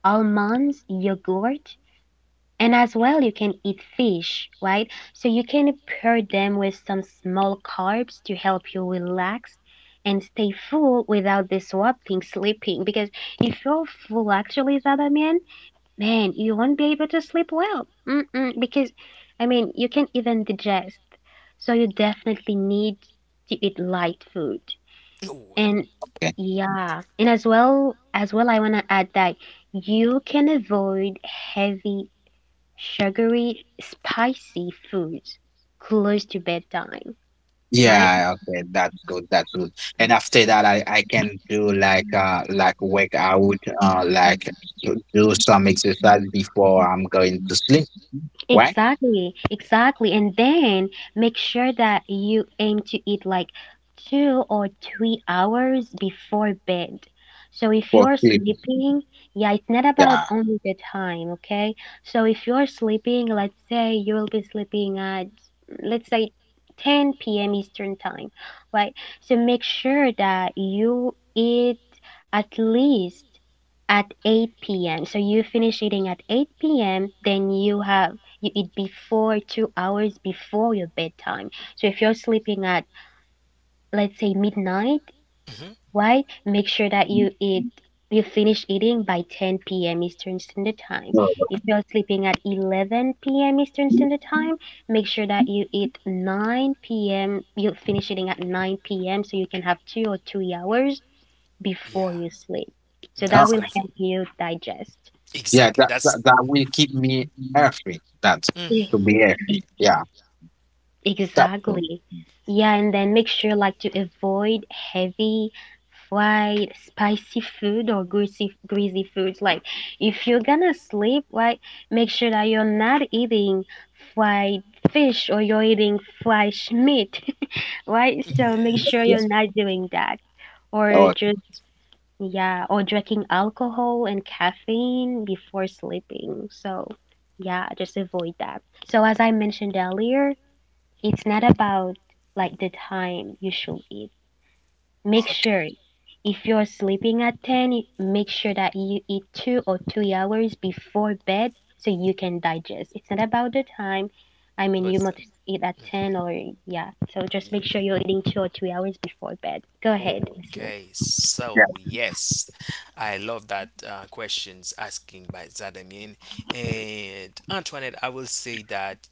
almonds, yogurt. And as well, you can eat fish, right? So you can pair them with some small carbs to help you relax and stay full without disrupting sleeping. Because if you're full, actually, Zadaman, man, you won't be able to sleep well. Mm-mm, because, I mean, you can't even digest. So you definitely need to eat light food. (clears throat) Oh well, And Okay. yeah, and as well, I want to add that you can avoid heavy sugary, spicy foods close to bedtime, right? Yeah, okay. That's good. That's good. And after that, I can do like workout like (laughs) to do some exercise before I'm going to sleep. Right? Exactly, exactly. And then make sure that you aim to eat like 2 or 3 hours before bed. So if For you're sleep. sleeping, yeah, it's not about Yeah. only the time, okay? So if you're sleeping, let's say you will be sleeping at, let's say, 10 p.m. Eastern time, right? So make sure that you eat at least at 8 p.m. So you finish eating at 8 p.m. Then you eat before 2 hours before your bedtime. So if you're sleeping at let's say midnight, hmm, right? Make sure that you finish eating by 10 p.m. Eastern Standard Time. No, If you're sleeping at 11 p.m. Eastern Standard Time, make sure that you eat 9 p.m. You finish eating at 9 p.m. so you can have 2 or 3 hours yeah, before you sleep. So that's that will good for help you digest. yeah, exactly. that, That's that that will E- keep me healthy. That e- to hmm. be healthy. Yeah, that's the, Exactly. Yeah, and then make sure like to avoid heavy, fried, spicy food or greasy foods. Like if you're gonna sleep, right, make sure that you're not eating fried fish or you're eating Mm-hmm. fresh meat, (laughs) right? So make Yes, sure yeah. you're yes. not doing that. Or Oh, just yeah, or drinking alcohol and caffeine before sleeping. So, yeah, just avoid that. So, as I mentioned earlier, it's not about like the time you should eat. Make sure if you're sleeping at 10, make sure that you eat 2 or 3 hours before bed so you can digest. It's not about the time. I mean, But you must eat at 10 mhm, or yeah. So, just make yeah, sure okay. you're eating 2 or 3 hours before bed. Go ahead, listener. Okay, yeah. so yes, I love that questions asking by Zadamian and Antoinette. I will say that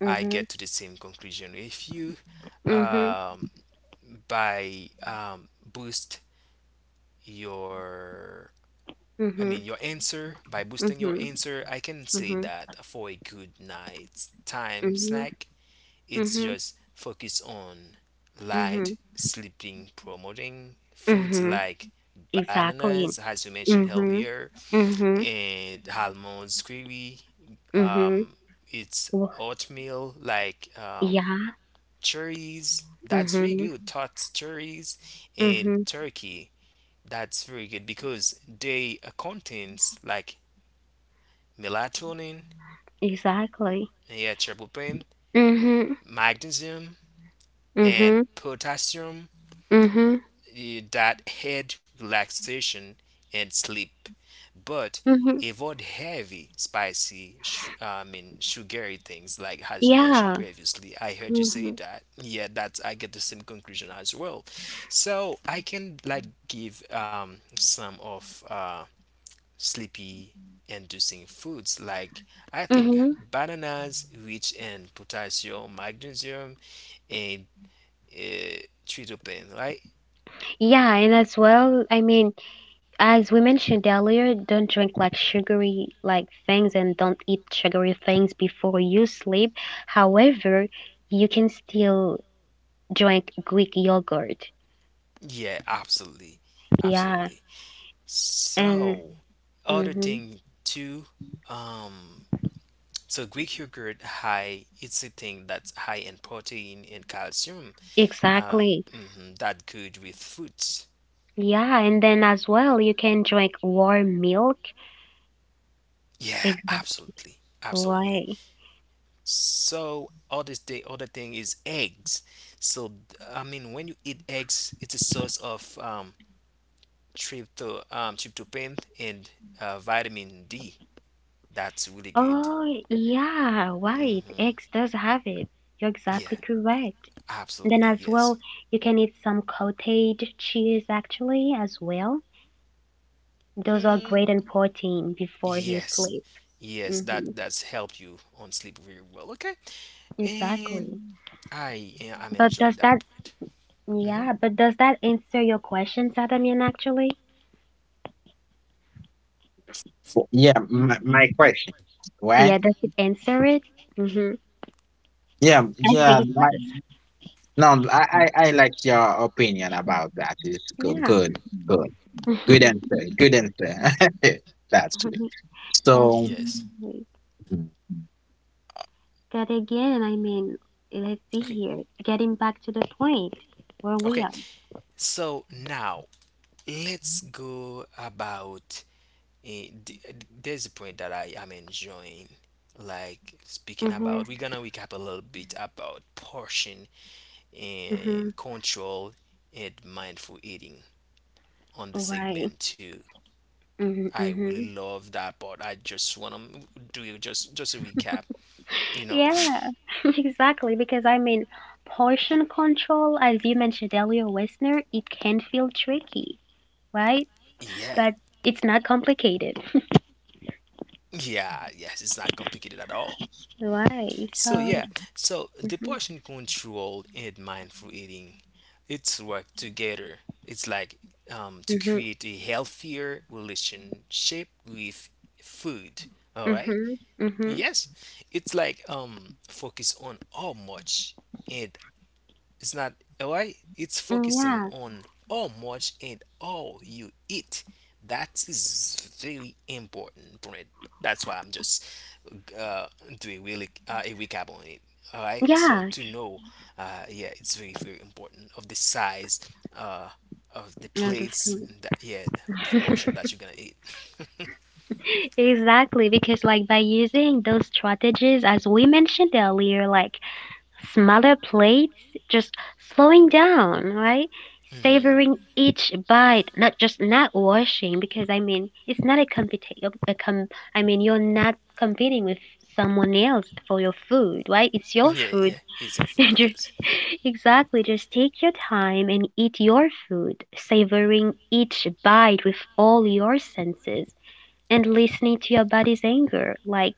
I Mhm. get to the same conclusion if you, Mhm. um, by boost your, I mean, Mhm. your answer by boosting your Mhm. answer, I can say Mhm. that for a good night's time Mhm. snack, it's Mhm. just focus on Mhm. light sleeping, promoting foods Mhm. like Exactly. bananas, as you mentioned Mhm. earlier, Mhm. and almonds, kiwi. Mhm. Um, it's Wh- oatmeal like, Yeah. cherries. That's really Mhm. good. Tots, cherries, and Mhm. turkey. That's very good because they contains like melatonin, Exactly. and yeah, tryptophan, Mhm. magnesium, and Mhm. potassium, Mhm. eh, that aid relaxation and sleep. But Mhm. avoid heavy, spicy, sugary things like as you mentioned Yeah. previously. I heard you say Mhm. that. Yeah, that's I get the same conclusion as well. So I can like give, some of, sleepy inducing foods like, I think, Mhm. bananas rich in potassium, magnesium, and uh, tryptophan, right? Yeah, and as well, I mean, as we mentioned earlier, don't drink like sugary like things and don't eat sugary things before you sleep. However, you can still drink Greek yogurt. Yeah, absolutely, Yeah, absolutely. and So, other mm-hmm, thing too, um, so Greek yogurt high. It's a thing that's high in protein and calcium. Uh, exactly. mhm, that good with fruits. Yeah, and then as well, you can drink warm milk. Yeah, Exactly. absolutely, absolutely. Why? So other thing is eggs. So I mean, when you eat eggs, it's a source of, tryptophan and vitamin D. That's really good. Oh, yeah, right. Eggs Hmm. does have it. You're exactly Yeah, correct. And then absolutely. as well, Yes. you can eat some cottage cheese actually as well. Those are Mm, great in protein before you yes, sleep. yes. That Mm-hmm, that's helped you on sleep very well. Okay, and exactly. I I'm But enjoy that point. Hmm. yeah, but does that answer your question, Sadamian, actually? For, yeah. My question, right? Yeah, does it answer it? Mm-hmm. Yeah, I think yeah. it My does. no, I like your opinion about that. It's good, Yeah. good, good, good answer. Good answer. (laughs) That's good. That's So Yes. great. But again, I mean, let's see Okay. here. Getting back to the point where we Okay. are. So now let's go about eh, th- there's a point that I am enjoying like speaking Mm-hmm. about. We're gonna recap a little bit about portion Mm-hmm. and control and mindful eating on the Right. segment too Mm-hmm. I really Mm-hmm. love that part. I just wanna do just a recap, you know. Yeah, (laughs) exactly. Because I mean, portion control, as you mentioned earlier, listener, it can feel tricky, right? (laughs) Yeah, But it's not complicated. (laughs) yeah, yes, it's not complicated at all. Right. So So, yeah, so the mm-hmm, portion control and mindful eating, it's work together. It's like, to mm-hmm, create a healthier relationship with food. All right. mm-hmm, mm-hmm. Yes, it's like, focus on how much, and it's not all right, it's Mm, focusing yeah, on how much and how you eat. That is very important point. That's why I'm just uh doing really a recap on it. All right, so yeah, to know yeah it's very very important of the size uh of the no, know, plates the and that yeah of the portion food. that (laughs) you're gonna eat. (laughs) Exactly, because like by using those strategies, as we mentioned earlier, like smaller plates, just slowing down, right? Hmm. Savoring each bite, not just not washing, because I mean, it's not a competition. I mean, you're not competing with someone else for your food, right? It's your Yeah, yeah, food. it's a (laughs) food, Ju- yes. exactly. Just take your time and eat your food, savoring each bite with all your senses and listening to your body's anger. Like,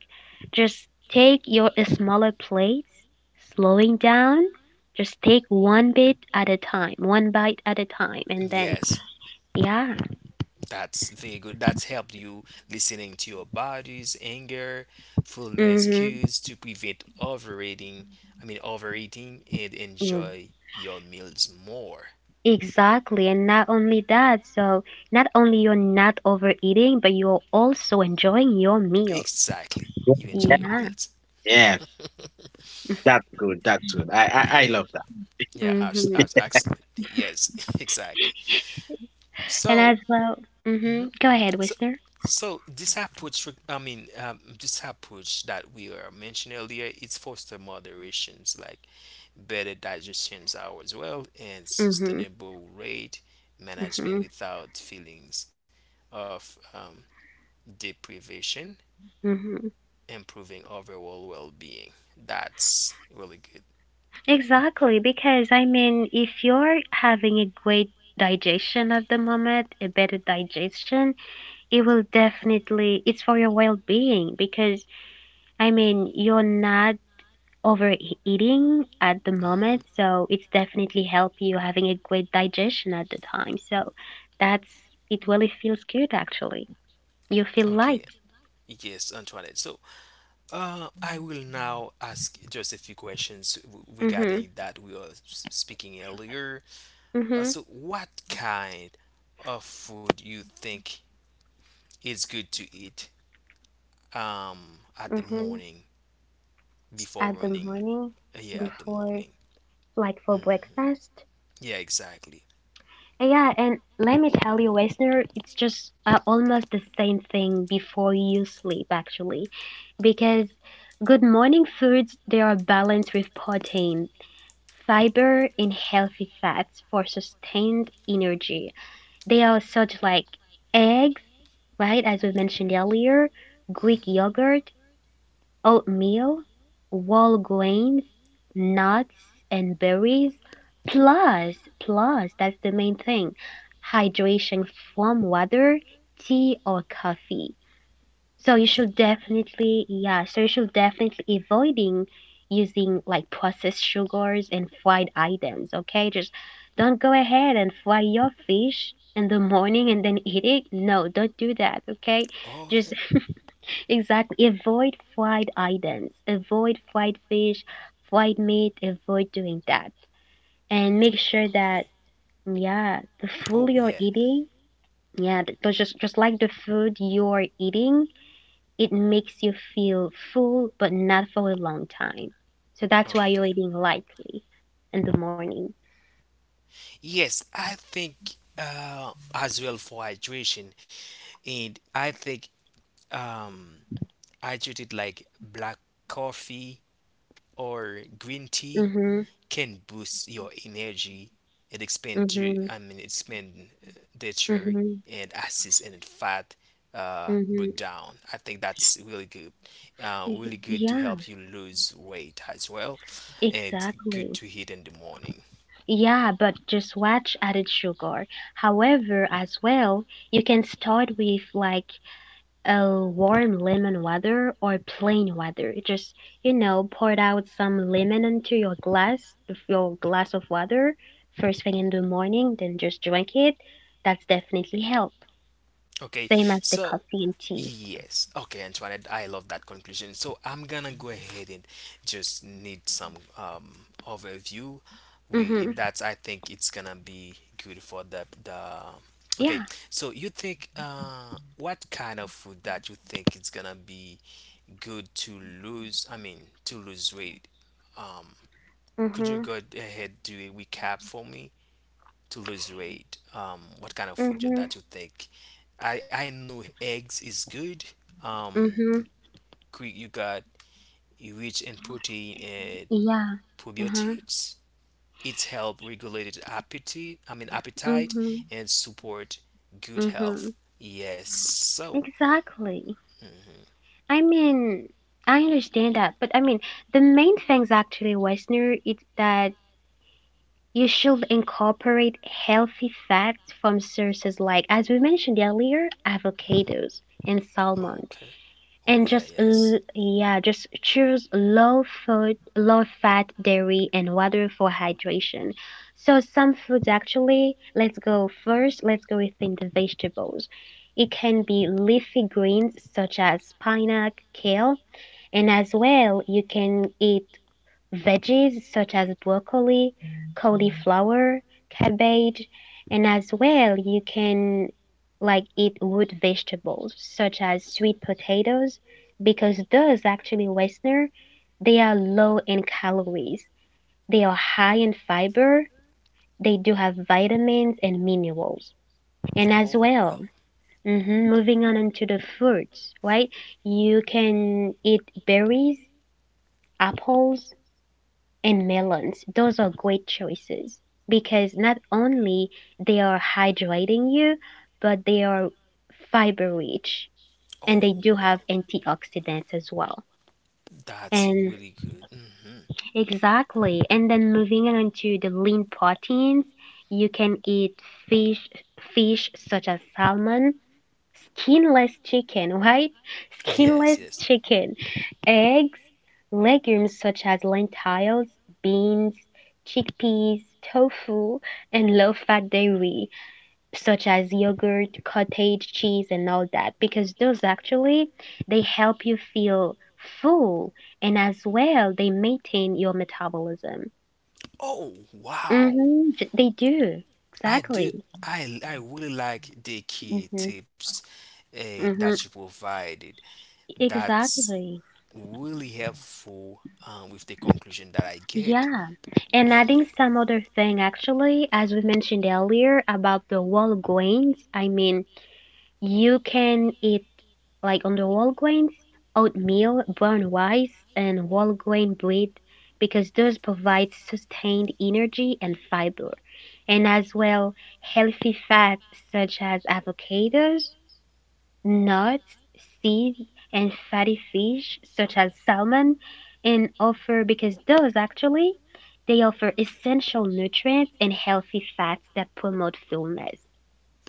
just take your smaller plates, slowing down. Just take one bit at a time, one bite at a time, and then, Yes, yeah. that's very good. That's helped you listening to your body's anger, fullness Mm-hmm. cues to prevent overeating. I mean overeating and Mm, enjoy your meals more. exactly. And not only that, so not only you're not overeating, but you're also enjoying your meals. Exactly. You yeah, enjoy your Yeah. meals. yeah, that's good. That's good. I Yeah. love that. Yeah. abs- Mm-hmm. abs- Absolutely. Yes. (laughs) Exactly. And as So. well, mm-hmm. Mhm. Go ahead, So. Whistler. So this approach, re- I mean, this approach that we are mentioning earlier, it's foster moderations. Like better digestion hours as well, and Mm-hmm. sustainable rate Mm-hmm. management without feelings of, deprivation, Mm-hmm. improving overall well being. That's really good. Exactly, because I mean, if you're having a great digestion at the moment, a better digestion, it will definitely, it's for your well-being because I mean, you're not overeating at the Mhm. moment, so it's definitely help you having a great digestion at the time. So that's, it really feels good actually. You feel Okay, light. yes, Antoinette. So, I will now ask just a few questions w- Mm-hmm. regarding that we were s- speaking earlier. Mm-hmm. So, what kind of food you think is good to eat at the Mm-hmm. morning before At the running? morning Yeah, at the before, morning. like for Mm. breakfast. Yeah, exactly. Yeah, and let me tell you, listener, it's just almost the same thing before you sleep, actually, because good morning foods they are balanced with protein, fiber, and healthy fats for sustained energy. They are such like eggs, right, as we mentioned earlier, Greek Mhm. yogurt, oatmeal, whole grains, nuts and berries. Plus, that's the main thing, hydration from water, tea or coffee. So you should definitely, yeah, so you should definitely avoiding using like processed sugars and fried items, okay? Just don't go ahead and fry your fish in the morning and then eat it. No, don't do that, okay? Just Okay. exactly. Avoid fried items, avoid fried fish, fried meat, avoid doing that. And make sure that Okay. yeah, the food Oh you're yeah. eating, yeah, just like the food you're eating, it makes you feel full but not for a long time. So that's why you're Okay. eating lightly in the morning. Yes, I think, as well for hydration, and I think, um, hydrated like black coffee or green tea Mhm. can boost your energy and expand to, Mhm. I mean expand, nature Mhm. and assist in fat, Mhm. breakdown. I think that's really good, Y- really good to Yeah, help you lose weight as well, and good exactly. to eat in the morning. Yeah, but just watch added sugar. However, as well, you can start with like a warm lemon water or plain water. Just, you know, pour out some lemon into your glass of water first thing in the morning, then just drink it. That's definitely help. Okay, Same as the so coffee and tea. yes, okay, Antoinette, I love that conclusion. So I'm gonna go ahead and just need some overview. We Mm-hmm. that's I think it's gonna be good for the the. Yeah. Okay, so you think what kind of food that you think it's gonna be good to lose? I mean to lose weight. Um, could you Mm-hmm. go ahead do a recap for me to lose weight? What kind of food Mm-hmm. that you think I know eggs is good. Um, Mm-hmm. cre- you got rich in protein and Yeah. Uh-huh. probiotics. It's help regulate appetite. I mean appetite Mm-hmm. and support good Mm-hmm. health. Yes. So. Exactly. Mhm. I mean, I understand that, but I mean, the main things actually, Westerner, is that you should incorporate healthy fats from sources like, as we mentioned earlier, avocados and salmon, Okay. Oh and yeah. Yes. Yeah, just choose low food, low fat dairy and water for hydration. So some foods actually, let's go first. Let's go within the vegetables. It can be leafy greens such as spinach, kale and as well, you can eat veggies such as broccoli, cauliflower, cabbage, and as well, you can like eat root vegetables such as sweet potatoes because those actually Westerner, they are low in calories. They are high in fiber. They do have vitamins and minerals. And as Oh well, well. mhm, moving on into the fruits, right? You can eat berries, apples and melons, those are great choices because not only they are hydrating you but they are fiber rich and they Oh do well. have antioxidants as well. That's And really good. Hmm. exactly, and then moving on to the lean proteins you can eat fish, such as salmon, skinless chicken, right? (laughs) Skinless Yes, yes. chicken, eggs, legumes such as lentils, beans, chickpeas, tofu, and low fat dairy such as yogurt, cottage cheese, and all that because those actually they help you feel full and as well they maintain your metabolism. Oh, wow. Mhm, they do. I Exactly. did. I really like the key Mhm. tips that Mhm. you provided. That's Exactly. really helpful, with the conclusion that I get. Yeah. And And yeah. adding some other thing, actually, as we mentioned earlier about the wall grains, I mean, you can eat like on the wall grains, oatmeal, brown rice, and whole grain bread because those provide sustained energy and fiber, and as well healthy fats such as avocados, nuts, seeds, and fatty fish such as salmon and offer because those actually they offer essential nutrients and healthy fats that promote fullness.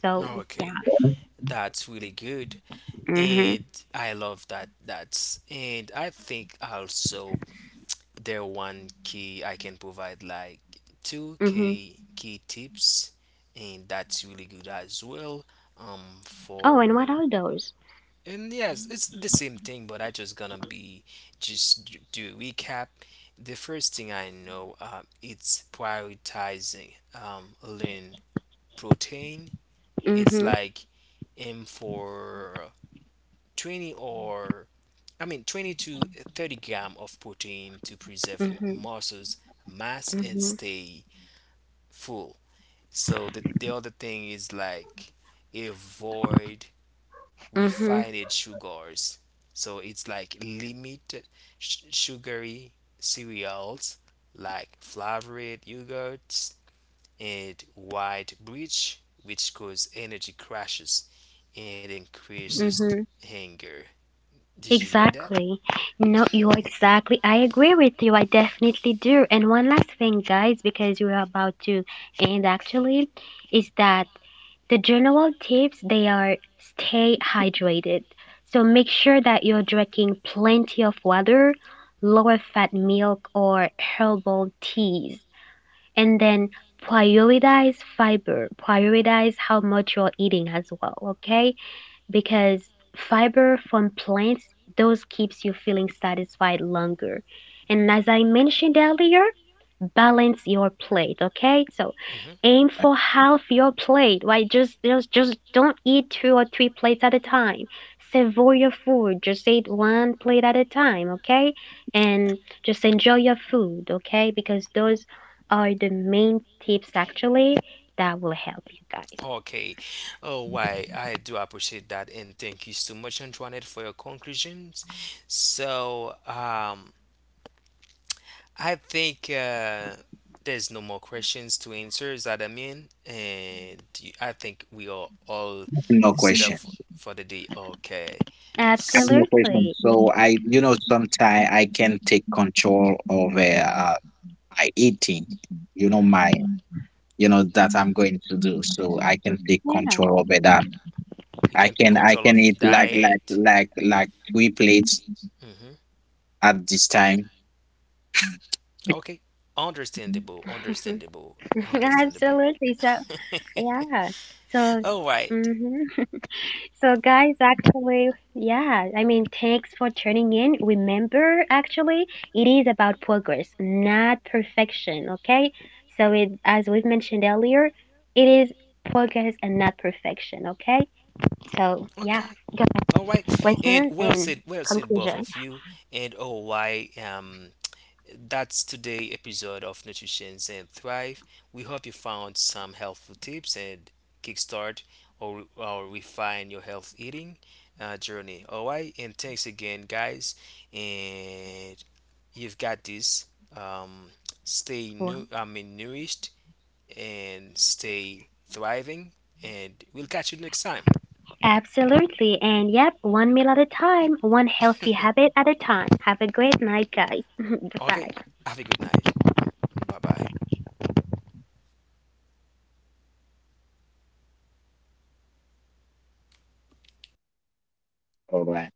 So, Okay, that's really good, mhm, and I love that. That's and I think also there one key I can provide like two mhm. key key tips, and that's really good as well Oh, and what for. are those? And yes it's the same thing but I just gonna be just d- do a recap. The first thing I know, it's prioritizing, lean protein. It's Mhm, like aim for 20 or I mean 20 to 30 gram of protein to preserve mhm, muscles mass and mhm, stay full. So the other thing is like avoid mhm, refined sugars. So it's like limit sh- sugary cereals like flavored yogurts and white bread, which cause energy crashes and increases mhm. hunger. Did you know that? Exactly. No, you are exactly. I agree with you. I definitely do. And one last thing, guys, because we're about to end actually, is that the general tips they are stay hydrated. So make sure that you're drinking plenty of water, lower fat milk or herbal teas. And then prioritize fiber, prioritize how much you're eating as well, okay? Because fiber from plants those keeps you feeling satisfied longer. And as I mentioned earlier, balance your plate, okay? So Mhm. aim for half your plate. Why just don't eat two or three plates at a time. Savor your food. Just eat one plate at a time, okay? And just enjoy your food, okay? Because those are the main tips actually that will help you guys. Okay. Oh, why I do appreciate that, and thank you so much, Antoinette, for your conclusions. So, I think there's no more questions to answer. Is that I mean? And you- I think we are all No set up question. For the day. Okay. I have no question. Absolutely. So sometimes I can take control over my eating. My, that I'm going to do. So I can take Yeah. control over that. You I can take can, I control can of eat like, like, diet. like, like three plates Hmm. at this time. (laughs) Okay. Absolutely. Understandable. So, Understandable. yeah. Understandable. So, hmm, so (laughs) All guys, right. actually, yeah, I mean, thanks for tuning in. Remember, actually, it is about progress, not perfection, okay? So, it, as we've mentioned earlier, it is progress and not perfection, okay? So, yeah, go Okay. ahead, All listener, and right. And well said. conclusion. Well said, both of you. And all right. That's today episode of Nutrition and Thrive. We hope you found some helpful tips and kickstart or refine your health eating journey. All right. And thanks again, guys. And you've got this. Um, stay new. I mean, nourished and stay thriving. And we'll catch you next time. Absolutely. And yep, one meal at a time, one healthy habit at a (laughs) time. Have a great night, guys. (laughs) Okay. Goodbye. Have a good night. Bye bye. All right.